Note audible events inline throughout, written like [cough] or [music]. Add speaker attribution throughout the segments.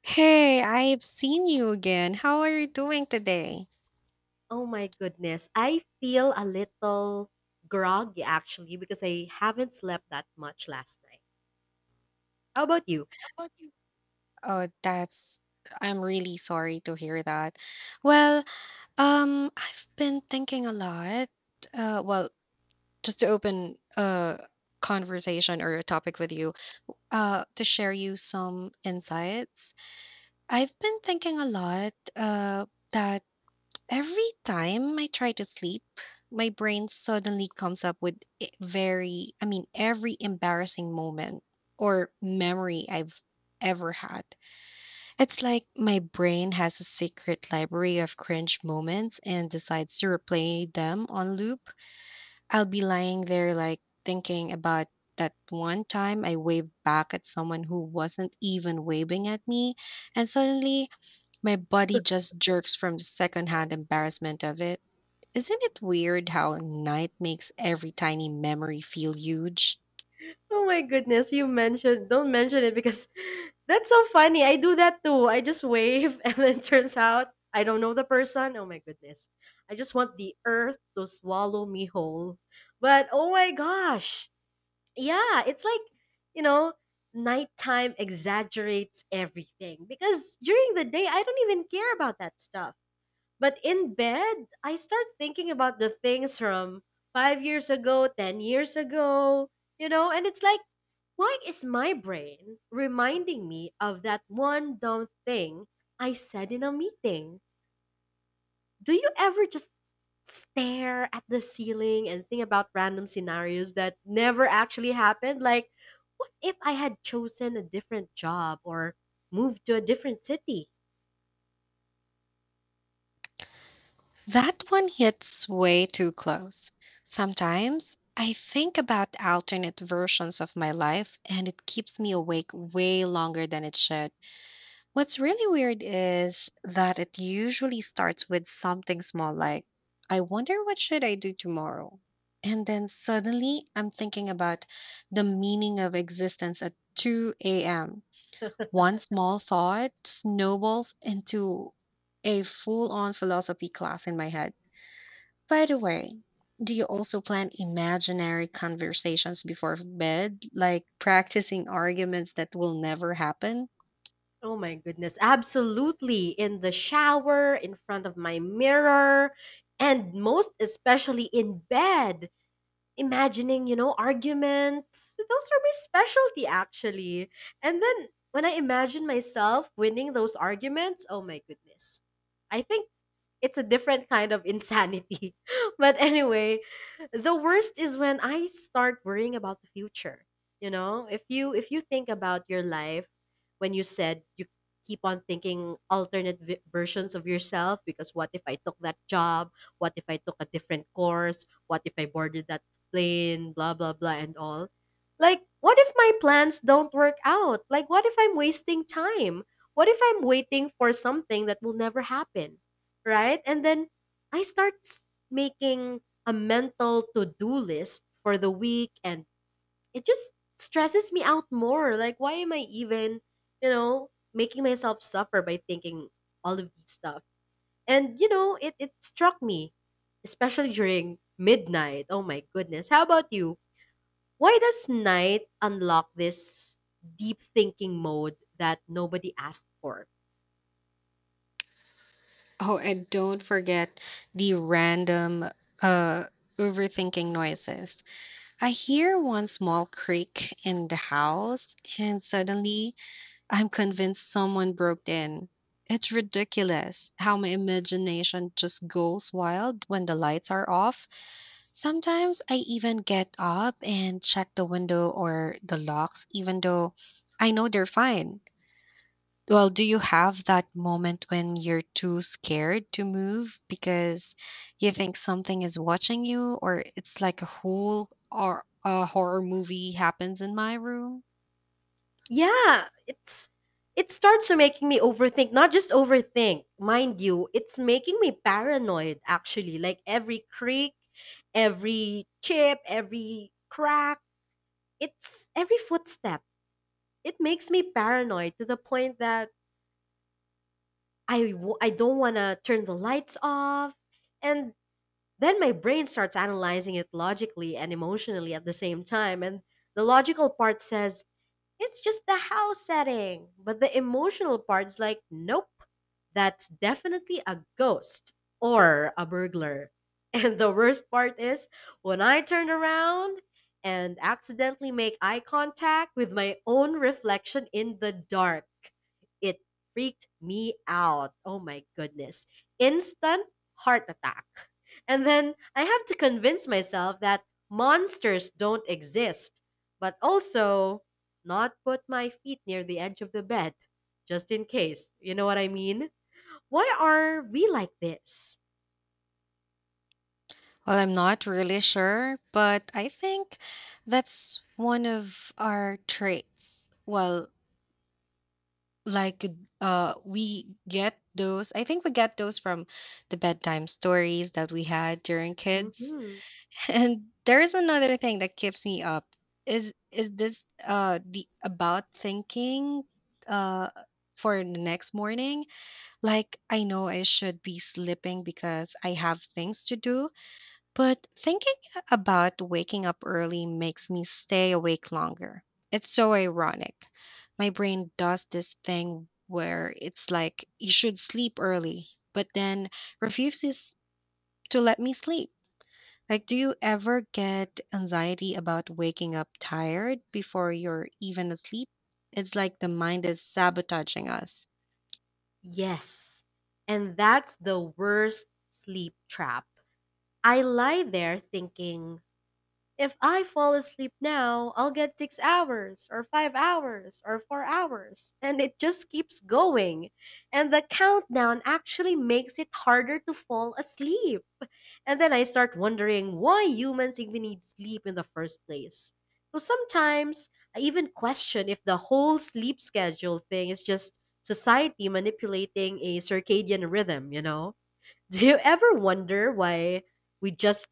Speaker 1: Hey, I've seen you again. How are you doing today?
Speaker 2: Oh my goodness. I feel a little groggy actually because I haven't slept that much last night. How about you?
Speaker 1: Oh, that's I'm really sorry to hear that. Well, I've been thinking a lot. Uh, well, just to open a conversation or a topic with you, to share you some insights. I've been thinking a lot, that every time I try to sleep, my brain suddenly comes up with every embarrassing moment or memory I've ever had. It's like my brain has a secret library of cringe moments and decides to replay them on loop. I'll be lying there, like thinking about that one time I waved back at someone who wasn't even waving at me, and suddenly my body just jerks from the secondhand embarrassment of it. Isn't it weird how night makes every tiny memory feel huge?
Speaker 2: Oh my goodness, you mentioned don't mention it because [laughs] that's so funny. I do that too. I just wave [laughs] and then turns out I don't know the person. Oh my goodness. I just want the earth to swallow me whole. But oh my gosh. Yeah, it's like, you know, nighttime exaggerates everything because during the day I don't even care about that stuff. But in bed, I start thinking about the things from 5 years ago, 10 years ago, you know, and it's like, why is my brain reminding me of that one dumb thing I said in a meeting? Do you ever just stare at the ceiling and think about random scenarios that never actually happened? Like, what if I had chosen a different job or moved to a different city?
Speaker 1: That one hits way too close. Sometimes I think about alternate versions of my life and it keeps me awake way longer than it should. What's really weird is that it usually starts with something small, like, I wonder what should I do tomorrow? And then suddenly I'm thinking about the meaning of existence at 2 a.m. One small thought snowballs into a full on philosophy class in my head. By the way, do you also plan imaginary conversations before bed, like practicing arguments that will never happen?
Speaker 2: Oh my goodness, absolutely. In the shower, in front of my mirror, and most especially in bed. Imagining, you know, arguments. Those are my specialty, actually. And then when I imagine myself winning those arguments, oh my goodness. I think it's a different kind of insanity. [laughs] But anyway, the worst is when I start worrying about the future. You know, if you think about your life when you said you keep on thinking alternate versions of yourself because what if I took that job? What if I took a different course? What if I boarded that plane, blah blah blah and all. Like what if my plans don't work out? Like what if I'm wasting time? What if I'm waiting for something that will never happen, right? And then I start making a mental to do list for the week, and it just stresses me out more. Like, why am I even, you know, making myself suffer by thinking all of these stuff? And, you know, it struck me, especially during midnight. Oh my goodness. How about you? Why does night unlock this deep thinking mode that nobody asked for?
Speaker 1: Oh, and don't forget the random uh overthinking noises. I hear one small creak in the house and suddenly I'm convinced someone broke in. It's ridiculous how my imagination just goes wild when the lights are off. Sometimes I even get up and check the window or the locks, even though I know they're fine. Well, do you have that moment when you're too scared to move because you think something is watching you, or it's like a whole or a horror movie happens in my room?
Speaker 2: Yeah, it's it starts to making me overthink, not just overthink, mind you, it's making me paranoid actually. Like every creak, every chip, every crack, it's every footstep. It makes me paranoid to the point that I don't want to turn the lights off, and then my brain starts analyzing it logically and emotionally at the same time, and the logical part says it's just the house setting. But the emotional part's like, nope, that's definitely a ghost or a burglar. [laughs] And the worst part is when I turn around and accidentally make eye contact with my own reflection in the dark. It freaked me out. Oh my goodness. Instant heart attack. And then I have to convince myself that monsters don't exist. But also, not put my feet near the edge of the bed, just in case. You know what I mean? Why are we like this?
Speaker 1: Well, I'm not really sure, but I think that's one of our traits. Well, like we get those, I think we get those from the bedtime stories that we had during kids.
Speaker 2: Hmm.
Speaker 1: [laughs] And there is another thing that keeps me up. Is this the about thinking uh for the next morning? Like, I know I should be sleeping because I have things to do, but thinking about waking up early makes me stay awake longer. It's so ironic. My brain does this thing where it's like you should sleep early, but then refuses to let me sleep. Like, do you ever get anxiety about waking up tired before you're even asleep? It's like the mind is sabotaging us.
Speaker 2: Yes. And that's the worst sleep trap. I lie there thinking, if I fall asleep now, I'll get 6 hours, or 5 hours, or 4 hours. And it just keeps going. And the countdown actually makes it harder to fall asleep. And then I start wondering why humans even need sleep in the first place. So sometimes I even question if the whole sleep schedule thing is just society manipulating a circadian rhythm, you know? [laughs] Do you ever wonder why we just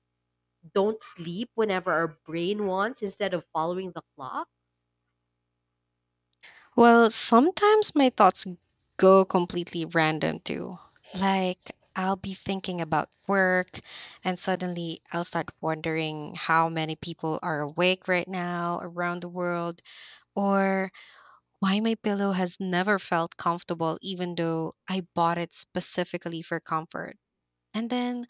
Speaker 2: don't sleep whenever our brain wants instead of following the clock?
Speaker 1: Well, sometimes my thoughts go completely random too. Like, I'll be thinking about work, and suddenly I'll start wondering how many people are awake right now around the world, or why my pillow has never felt comfortable, even though I bought it specifically for comfort. And then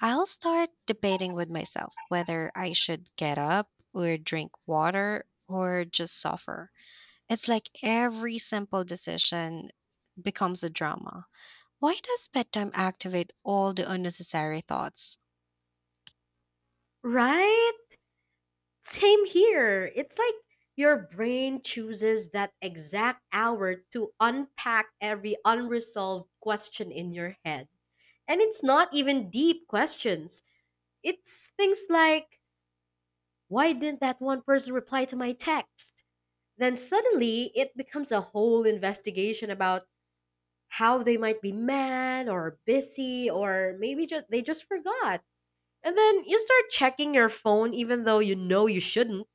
Speaker 1: I'll start debating with myself whether I should get up or drink water or just suffer. It's like every simple decision becomes a drama. Why does bedtime activate all the unnecessary thoughts?
Speaker 2: Right? Same here. It's like your brain chooses that exact hour to unpack every unresolved question in your head. And it's not even deep questions. It's things like, why didn't that one person reply to my text? Then suddenly it becomes a whole investigation about how they might be mad or busy or maybe just they just forgot. And then you start checking your phone even though you know you shouldn't,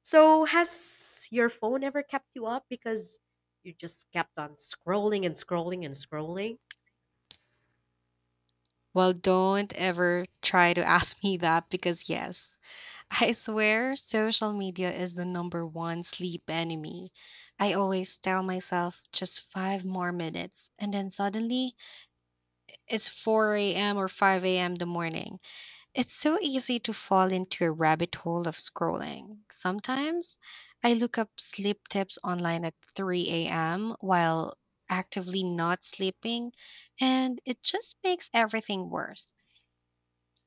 Speaker 2: so, has your phone ever kept you up because you just kept on scrolling and scrolling and scrolling?
Speaker 1: Well, don't ever try to [laughs] ask me that because, yes, I swear social media is the number one sleep enemy. I always tell myself just five more minutes, and then suddenly it's 4 a.m. or 5 a.m. the morning. It's so easy to fall into a rabbit hole of scrolling. Sometimes I look up sleep tips online at 3 a.m. while actively not sleeping, and it just makes everything worse.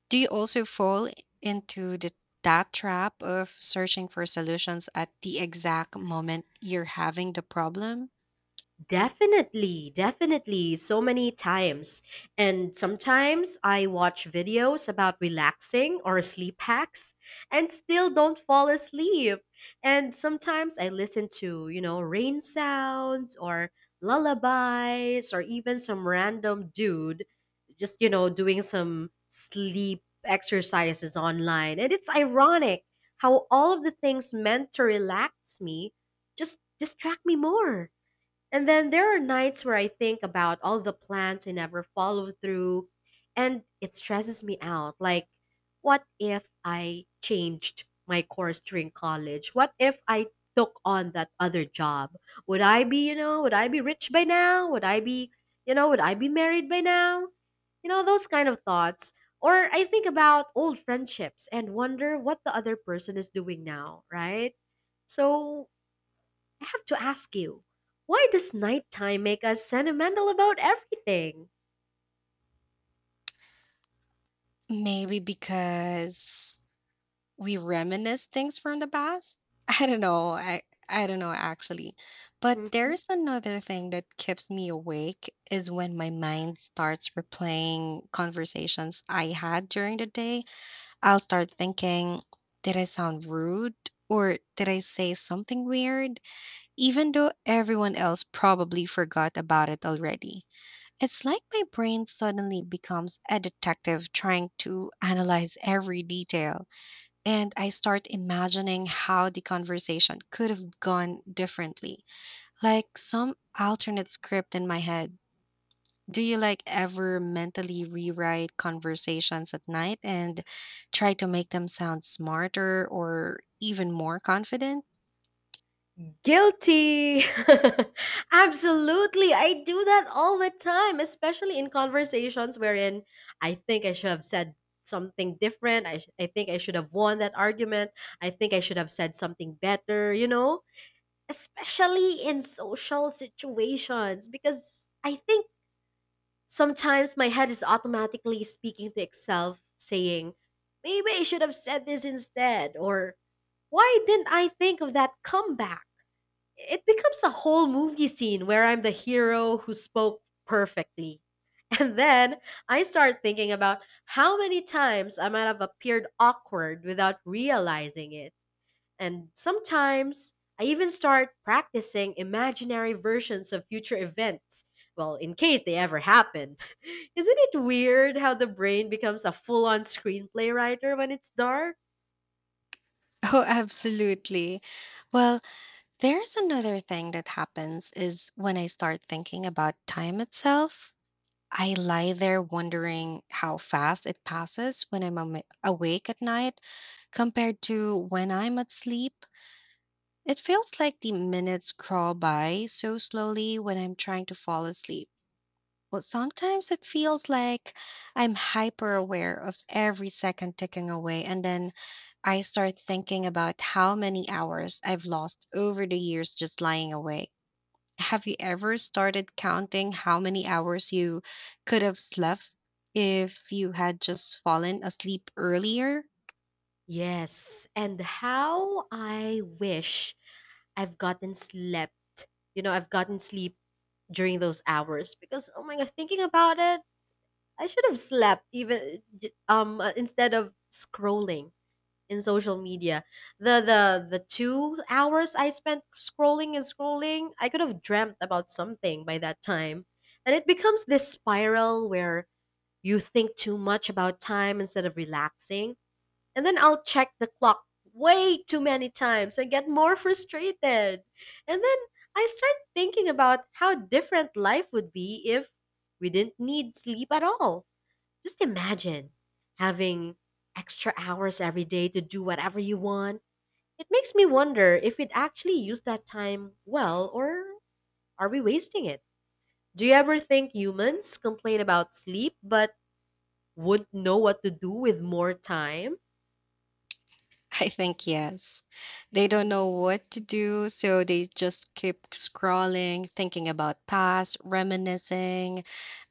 Speaker 1: Do you also fall into that trap of searching for solutions at the exact moment you're having the problem?
Speaker 2: Definitely, definitely, so many times. And sometimes I watch videos about relaxing or sleep hacks and still don't fall asleep. And sometimes I listen to, you know, rain sounds or lullabies or even some random dude just, you know, doing some sleep exercises online. And it's ironic how all of the things meant to relax me just distract me more. And then there are nights where I think about all the plans I never follow through, and it stresses me out. Like, what if I changed my course during college? What if I took on that other job? Would I be, you know, would I be rich by now? Would I be, you know, would I be married by now? You know, those kind of thoughts. Or I think about old friendships and wonder what the other person is doing now, right? So I have to ask you, why does nighttime make us sentimental about everything?
Speaker 1: Maybe because we reminisce things from the past. [laughs] I don't know. I don't know actually. But
Speaker 2: Mhm.
Speaker 1: there's another thing that keeps me awake is when my mind starts replaying conversations I had during the day. I'll start thinking, did I sound rude or did I say something weird even though everyone else probably forgot about it already. It's like my brain suddenly becomes a detective trying to analyze every detail. And I start imagining how the conversation could have gone differently, like some alternate script in my head. Do you like ever mentally rewrite conversations at night and try to make them sound smarter or even more confident? [laughs]
Speaker 2: Guilty! [laughs] Absolutely, I do that all the time, especially in conversations wherein I think I should have said something different. I think I should have won that argument. I think I should have said something better, you know? Especially in social situations, because I think sometimes my head is automatically speaking to itself, saying, maybe I should have said this instead, or why didn't I think of that comeback? It becomes a whole movie scene where I'm the hero who spoke perfectly. [laughs] And then I start thinking about how many times I might have appeared awkward without realizing it. And sometimes I even start practicing imaginary versions of future events, well, in case they ever happen. [laughs] Isn't it weird how the brain becomes a full on screenplay writer when it's dark?
Speaker 1: Oh, absolutely. Well, there's another thing that happens is when I start thinking about time itself. I lie there wondering how fast it passes when I'm awake at night compared to when I'm at sleep. It feels like the minutes crawl by so slowly when I'm trying to fall asleep. But sometimes it feels like I'm hyper aware of every second ticking away, and then I start thinking about how many hours I've lost over the years just lying awake. Have you ever started counting how many hours you could have slept if you had just fallen asleep earlier?
Speaker 2: Yes, and how I wish I've gotten slept. You know, I've gotten sleep during those hours because oh my god, thinking about it, I should have slept even instead of scrolling in social media. The 2 hours I spent scrolling and scrolling, I could have dreamt about something by that time. And it becomes this spiral where you think too much about time instead of relaxing. And then I'll check the clock way too many times and get more frustrated. And then I start thinking about how different life would be if we didn't need sleep at all. Just imagine having extra hours every day to do whatever you want. It makes me wonder if we'd actually use that time well, or are we wasting it? Do you ever think humans complain about sleep but wouldn't know what to do with more time?
Speaker 1: [laughs] I think yes. They don't know what to do, so they just keep scrolling, thinking about past, reminiscing,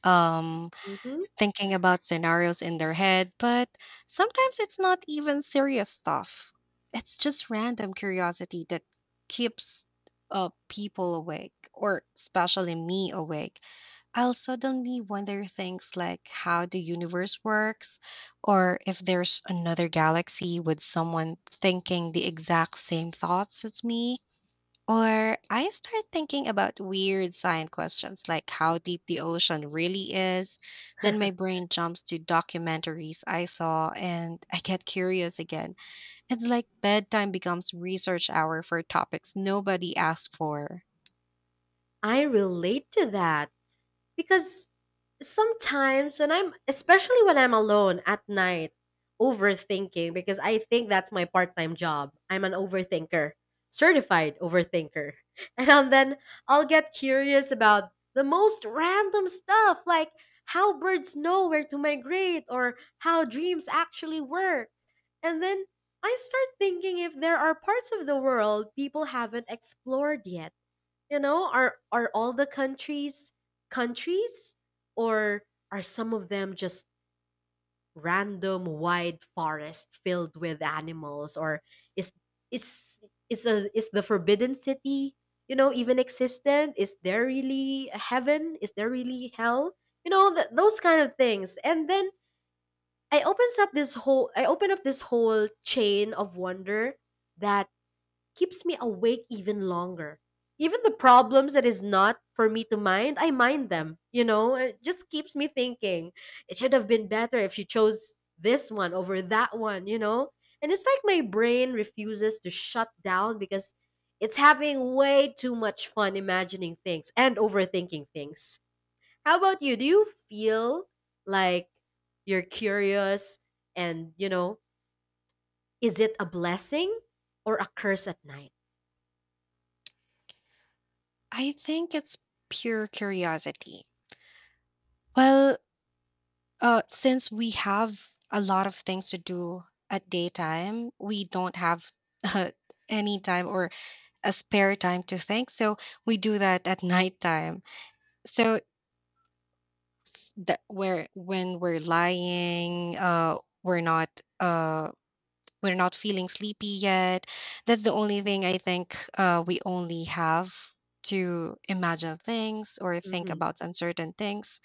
Speaker 1: um
Speaker 2: Hmm.
Speaker 1: thinking about scenarios in their head, but sometimes it's not even serious stuff. It's just random curiosity that keeps people awake, or especially me awake. I'll suddenly wonder things like how the universe works, or if there's another galaxy with someone thinking the exact same thoughts as me. Or I start thinking about weird science questions like how deep the ocean really is. Then
Speaker 2: [laughs]
Speaker 1: my brain jumps to documentaries I saw and I get curious again. It's like bedtime becomes research hour for topics nobody asked for.
Speaker 2: I relate to that because sometimes when I'm, especially when I'm alone at night, overthinking because I think that's my part-time job. I'm an overthinker, certified overthinker. [laughs] And then I'll get curious about the most random stuff like how birds know where to migrate or how dreams actually work. And then I start thinking if there are parts of the world people haven't explored yet, you know, are all the countries or are some of them just random wide forest filled with animals, or is is is is the forbidden city, you know, even existent? Is there really a heaven? Is there really hell? You know, those kind of things. And then I open up this whole chain of wonder that keeps me awake even longer. Even the problems that is not for me to mind, I mind them. You know, it just keeps me thinking. It should have been better if you chose this one over that one, you know? And it's like my brain refuses to shut down because it's having way too much fun imagining things and overthinking things. How about you? Do you feel like you're curious and, you know, is it a blessing or a curse at night?
Speaker 1: I think it's pure curiosity. Well, since we have a lot of things to do at daytime, we don't have [laughs] uh, any time or a spare time to think. So we do that at nighttime. So that where when we're lying, uh, we're not feeling sleepy yet. That's the only thing I think we only have to imagine things or think
Speaker 2: Hmm.
Speaker 1: about uncertain things.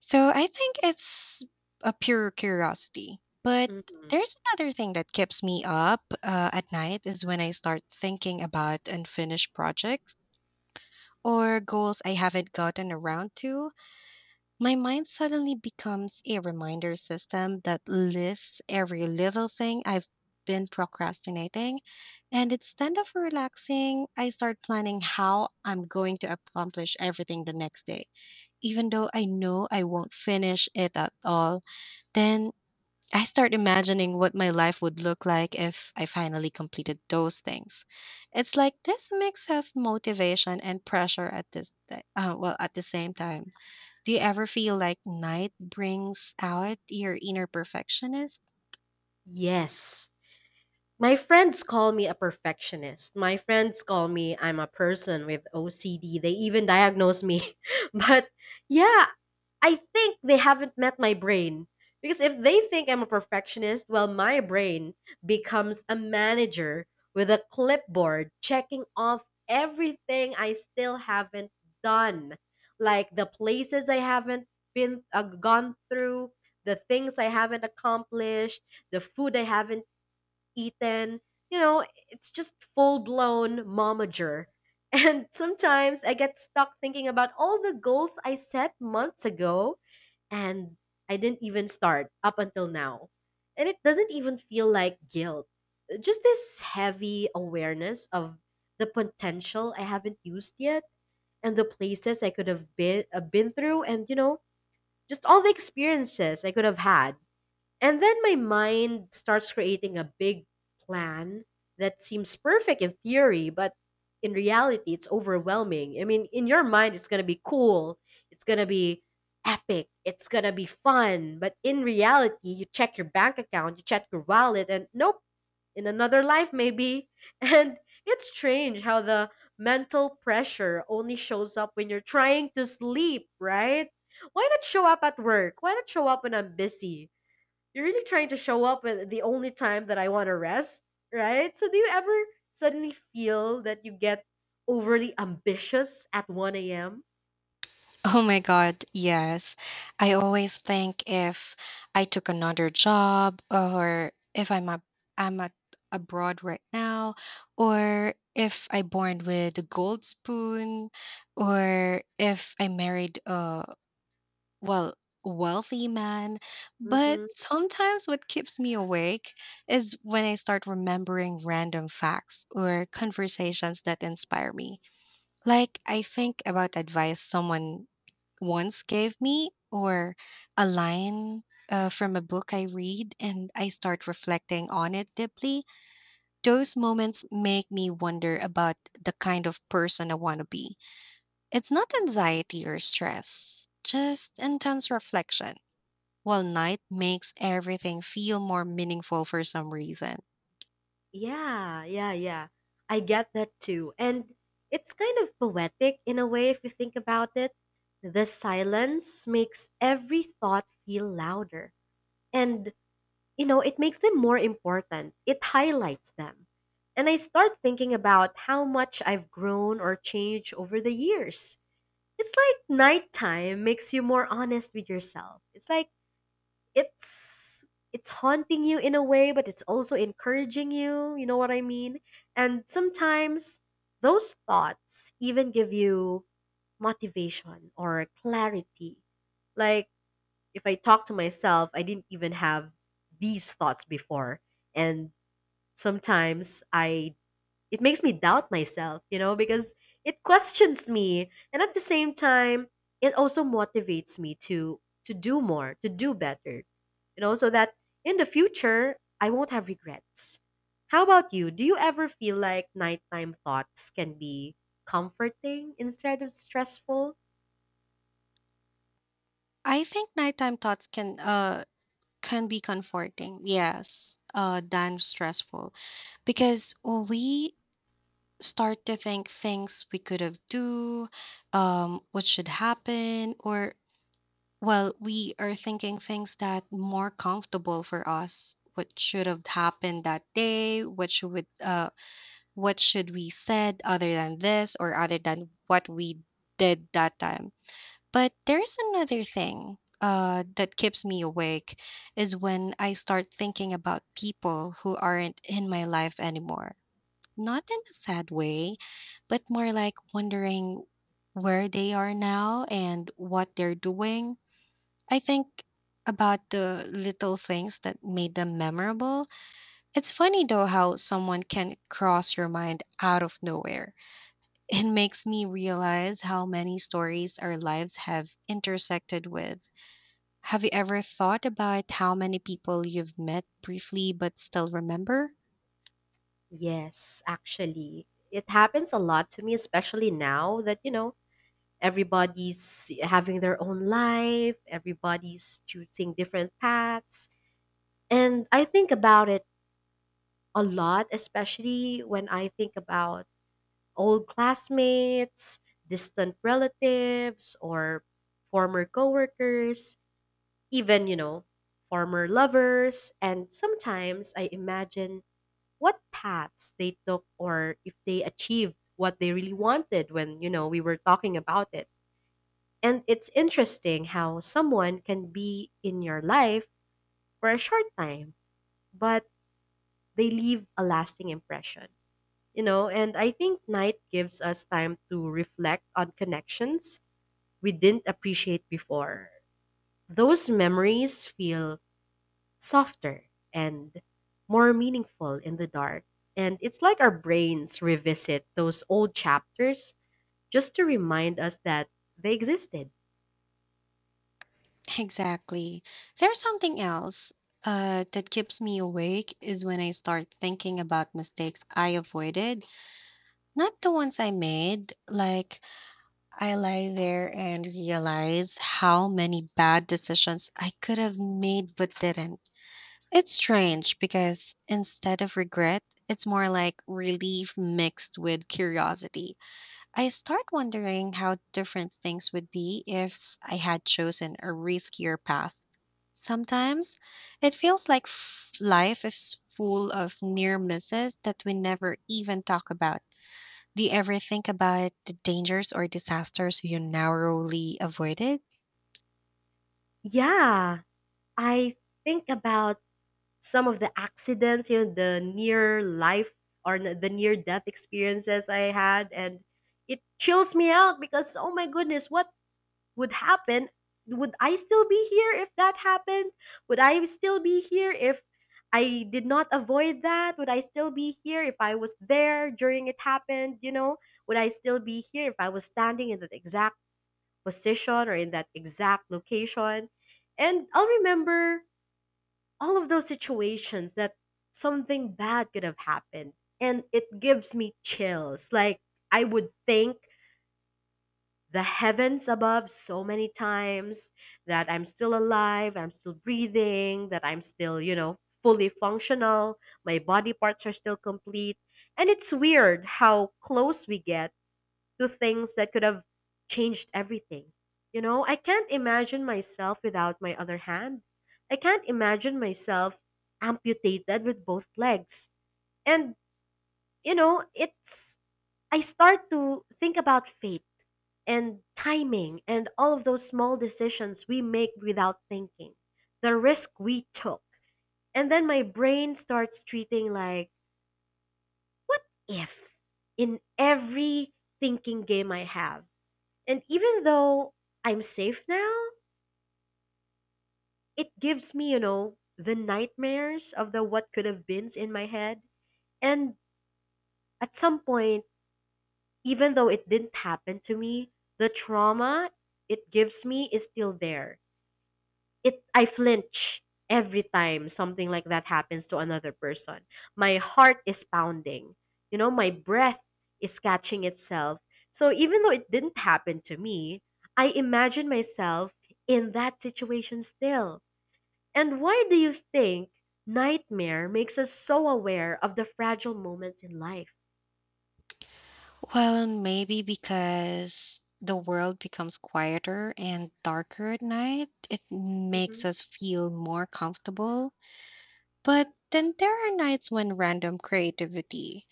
Speaker 1: So I think it's a pure curiosity. But
Speaker 2: Mhm.
Speaker 1: there's another thing that keeps me up at night is when I start thinking about unfinished projects or goals I haven't gotten around to, my mind suddenly becomes a reminder system that lists every little thing I've been procrastinating. And instead of relaxing, I start planning how I'm going to accomplish everything the next day, even though I know I won't finish it at all. Then I start imagining what my life would look like if I finally completed those things. It's like this mix of motivation and pressure at this ti- well at the same time. Do you ever feel like night brings out your inner perfectionist?
Speaker 2: Yes. My friends call me a perfectionist. My friends call me I'm a person with OCD. They even diagnose me. [laughs] But yeah, I think they haven't met my brain. Because if they think I'm a perfectionist, well, my brain becomes a manager with a clipboard checking off everything I still haven't done. Like the places I haven't been gone through, the things I haven't accomplished, the food I haven't eaten, you know, it's just full blown momager. [laughs] And sometimes I get stuck thinking about all the goals I set months ago and I didn't even start up until now. And it doesn't even feel like guilt. Just this heavy awareness of the potential I haven't used yet and the places I could have been through and you know, just all the experiences I could have had. And then my mind starts creating a big plan that seems perfect in theory, but in reality, it's overwhelming. I mean, in your mind, it's going to be cool, it's going to be epic, it's going to be fun. But in reality, you check your bank account, you check your wallet, and nope, in another life, maybe. [laughs] And it's strange how the mental pressure only shows up when you're trying to sleep, right? Why not show up at work? Why not show up when I'm busy? You're really trying to show up at the only time that I want to rest, right? So do you ever suddenly feel that you get overly ambitious at 1 a.m.?
Speaker 1: Oh my God, yes. I always think if I took another job or if I'm a, abroad right now or if I born with a gold spoon or if I married a well wealthy man. But
Speaker 2: Mm-hmm.
Speaker 1: sometimes what keeps me awake is when I start remembering random facts or conversations that inspire me. Like I think about advice someone once gave me, or a line from a book I read, and I start reflecting on it deeply, those moments make me wonder about the kind of person I want to be. It's not anxiety or stress, just intense reflection. While night makes everything feel more meaningful for some reason.
Speaker 2: Yeah, yeah, yeah. I get that too. And it's kind of poetic in a way if you think about it. The silence makes every thought feel louder. And you know, it makes them more important. It highlights them. And I start thinking about how much I've grown or changed over the years. It's like nighttime makes you more honest with yourself. It's like it's it's haunting you in a way, but it's also encouraging you, you know what I mean? And sometimes those thoughts even give you motivation or clarity. Like if I talk to myself, I didn't even have these thoughts before. And sometimes I it makes me doubt myself, you know, because it questions me. And at the same time, it also motivates me to do more, to do better. You know, so that in the future I won't have regrets. How about you? Do you ever feel like nighttime thoughts can be comforting instead of stressful?
Speaker 1: I think nighttime thoughts can be comforting, yes, than stressful because we start to think things we could have do, what should happen, or well, we are thinking things that more comfortable for us. What should have happened that day? What should we said other than this or other than what we did that time? But there's another thing that keeps me awake is when I start thinking about people who aren't in my life anymore, not in a sad way, but more like wondering where they are now and what they're doing. I think about the little things that made them memorable. It's funny though how someone can cross your mind out of nowhere. [laughs] It makes me realize how many stories our lives have intersected with. Have you ever thought about how many people you've met briefly but still remember?
Speaker 2: Yes, actually, it happens a lot to me, especially now that, you know, everybody's having their own life, everybody's choosing different paths. And I think about it a lot, especially when I think about old classmates, distant relatives, or former coworkers, even, you know, former lovers. And sometimes I imagine what paths they took or if they achieved what they really wanted when you know we were talking about it. And it's interesting how someone can be in your life for a short time, but they leave a lasting impression, you know. And I think night gives us time to reflect on connections we didn't appreciate before. Those memories feel softer and more meaningful in the dark. And it's like our brains revisit those old chapters just to remind us that they existed.
Speaker 1: Exactly. There's something else that keeps me awake is when I start thinking about mistakes I avoided, not the ones I made. Like, I lie there and realize how many bad decisions I could have made but didn't. It's strange because instead of regret, it's more like relief mixed with curiosity. I start wondering how different things would be if I had chosen a riskier path. Sometimes it feels like life is full of near misses that we never even talk about. Do you ever think about the dangers or disasters you narrowly avoided?
Speaker 2: Yeah, I think about some of the accidents, you know, the near life or the near death experiences I had, and it chills me out because, oh my goodness, what would happen? Would I still be here if that happened? Would I still be here if I did not avoid that? Would I still be here if I was there during it happened, you know? Would I still be here if I was standing in that exact position or in that exact location? And I'll remember all of those situations that something bad could have happened, and it gives me chills. Like, I would think the heavens above so many times that I'm still alive, I'm still breathing, that I'm still, you know, fully functional, my body parts are still complete. And it's weird how close we get to things that could have changed everything. You know, I can't imagine myself without my other hand. I can't imagine myself amputated with both legs. And, you know, it's, I start to think about fate and timing and all of those small decisions we make without thinking, the risk we took. And then my brain starts treating like, what if, in every thinking game I have? And even though I'm safe now, it gives me, you know, the nightmares of the what could have beens in my head. And at some point, even though it didn't happen to me, the trauma it gives me is still there. It I flinch every time something like that happens to another person. My heart is pounding. You know, my breath is catching itself. So even though it didn't happen to me, I imagine myself in that situation still. And why do you think nightmare makes us so aware of the fragile moments in life?
Speaker 1: Well, maybe because the world becomes quieter and darker at night, it makes
Speaker 2: Mhm.
Speaker 1: us feel more comfortable. But then there are nights when random creativity,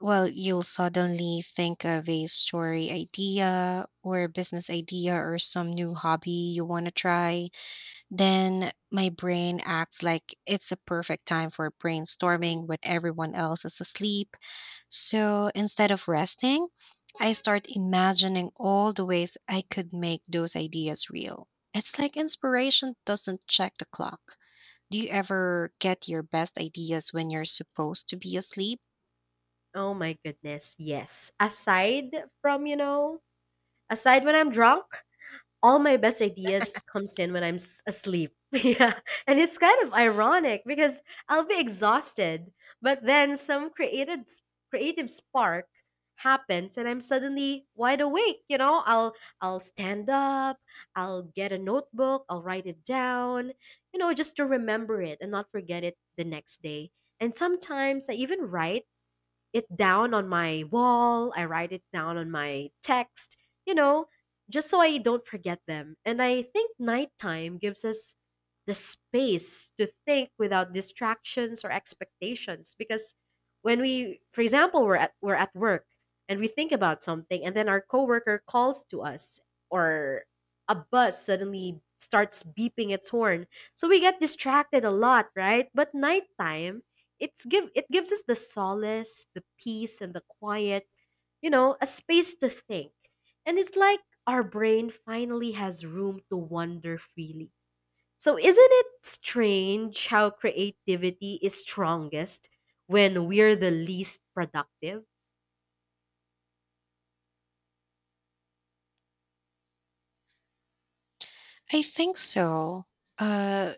Speaker 1: well, you'll suddenly think of a story idea or a business idea or some new hobby you want to try. Then my brain acts like it's a perfect time for brainstorming when everyone else is asleep. So instead of resting, I start imagining all the ways I could make those ideas real. It's like inspiration doesn't check the clock. Do you ever get your best ideas when you're supposed to be asleep?
Speaker 2: Oh my goodness, yes. Aside from, you know, aside when I'm drunk, all my best ideas comes in when I'm asleep. [laughs] Yeah. And it's kind of ironic because I'll be exhausted, but then some creative spark happens and I'm suddenly wide awake, you know? I'll stand up, I'll get a notebook, I'll write it down, you know, just to remember it and not forget it the next day. And sometimes I even write it down on my wall, I write it down on my text, you know, just so I don't forget them. And I think nighttime gives us the space to think without distractions or expectations because when we, for example, we're at work and we think about something and then our coworker calls to us, or a bus suddenly starts beeping its horn, so we get distracted a lot, right? But nighttime, it gives us the solace, the peace and the quiet, you know, a space to think. And it's like our brain finally has room to wander freely. So isn't it strange how creativity is strongest when we're the least productive?
Speaker 1: I think so. Uh,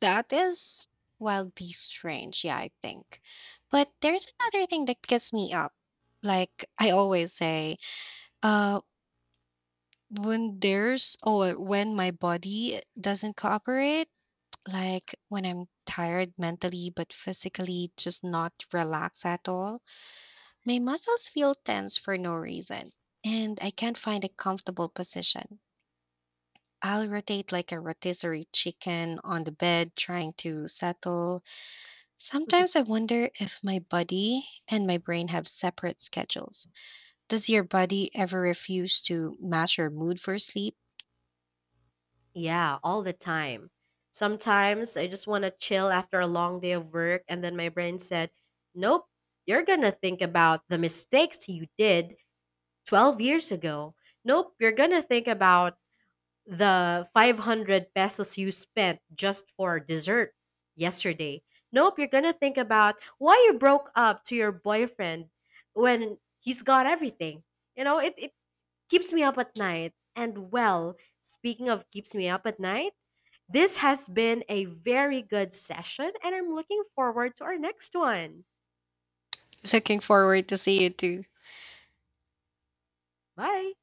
Speaker 1: that is wildly strange. Yeah, I think. But there's another thing that gets me up. Like I always say, uh, when there's or when my body doesn't cooperate, like when I'm tired mentally but physically just not relaxed at all, my muscles feel tense for no reason, and I can't find a comfortable position. I'll rotate like a rotisserie chicken on the bed, trying to settle. Sometimes
Speaker 2: [laughs]
Speaker 1: I wonder if my body and my brain have separate schedules. Does your body ever refuse to match your mood for sleep?
Speaker 2: Yeah, all the time. Sometimes I just want to chill after a long day of work, and then my brain said, nope, you're going to think about the mistakes you did 12 years ago, nope, you're going to think about the 500 pesos you spent just for dessert yesterday. Nope, you're going to think about why you broke up to your boyfriend when he's got everything. You know, it keeps me up at night. And well, speaking of keeps me up at night, this has been a very good session, and I'm looking forward to our next one.
Speaker 1: [laughs] Looking forward to see you too.
Speaker 2: Bye.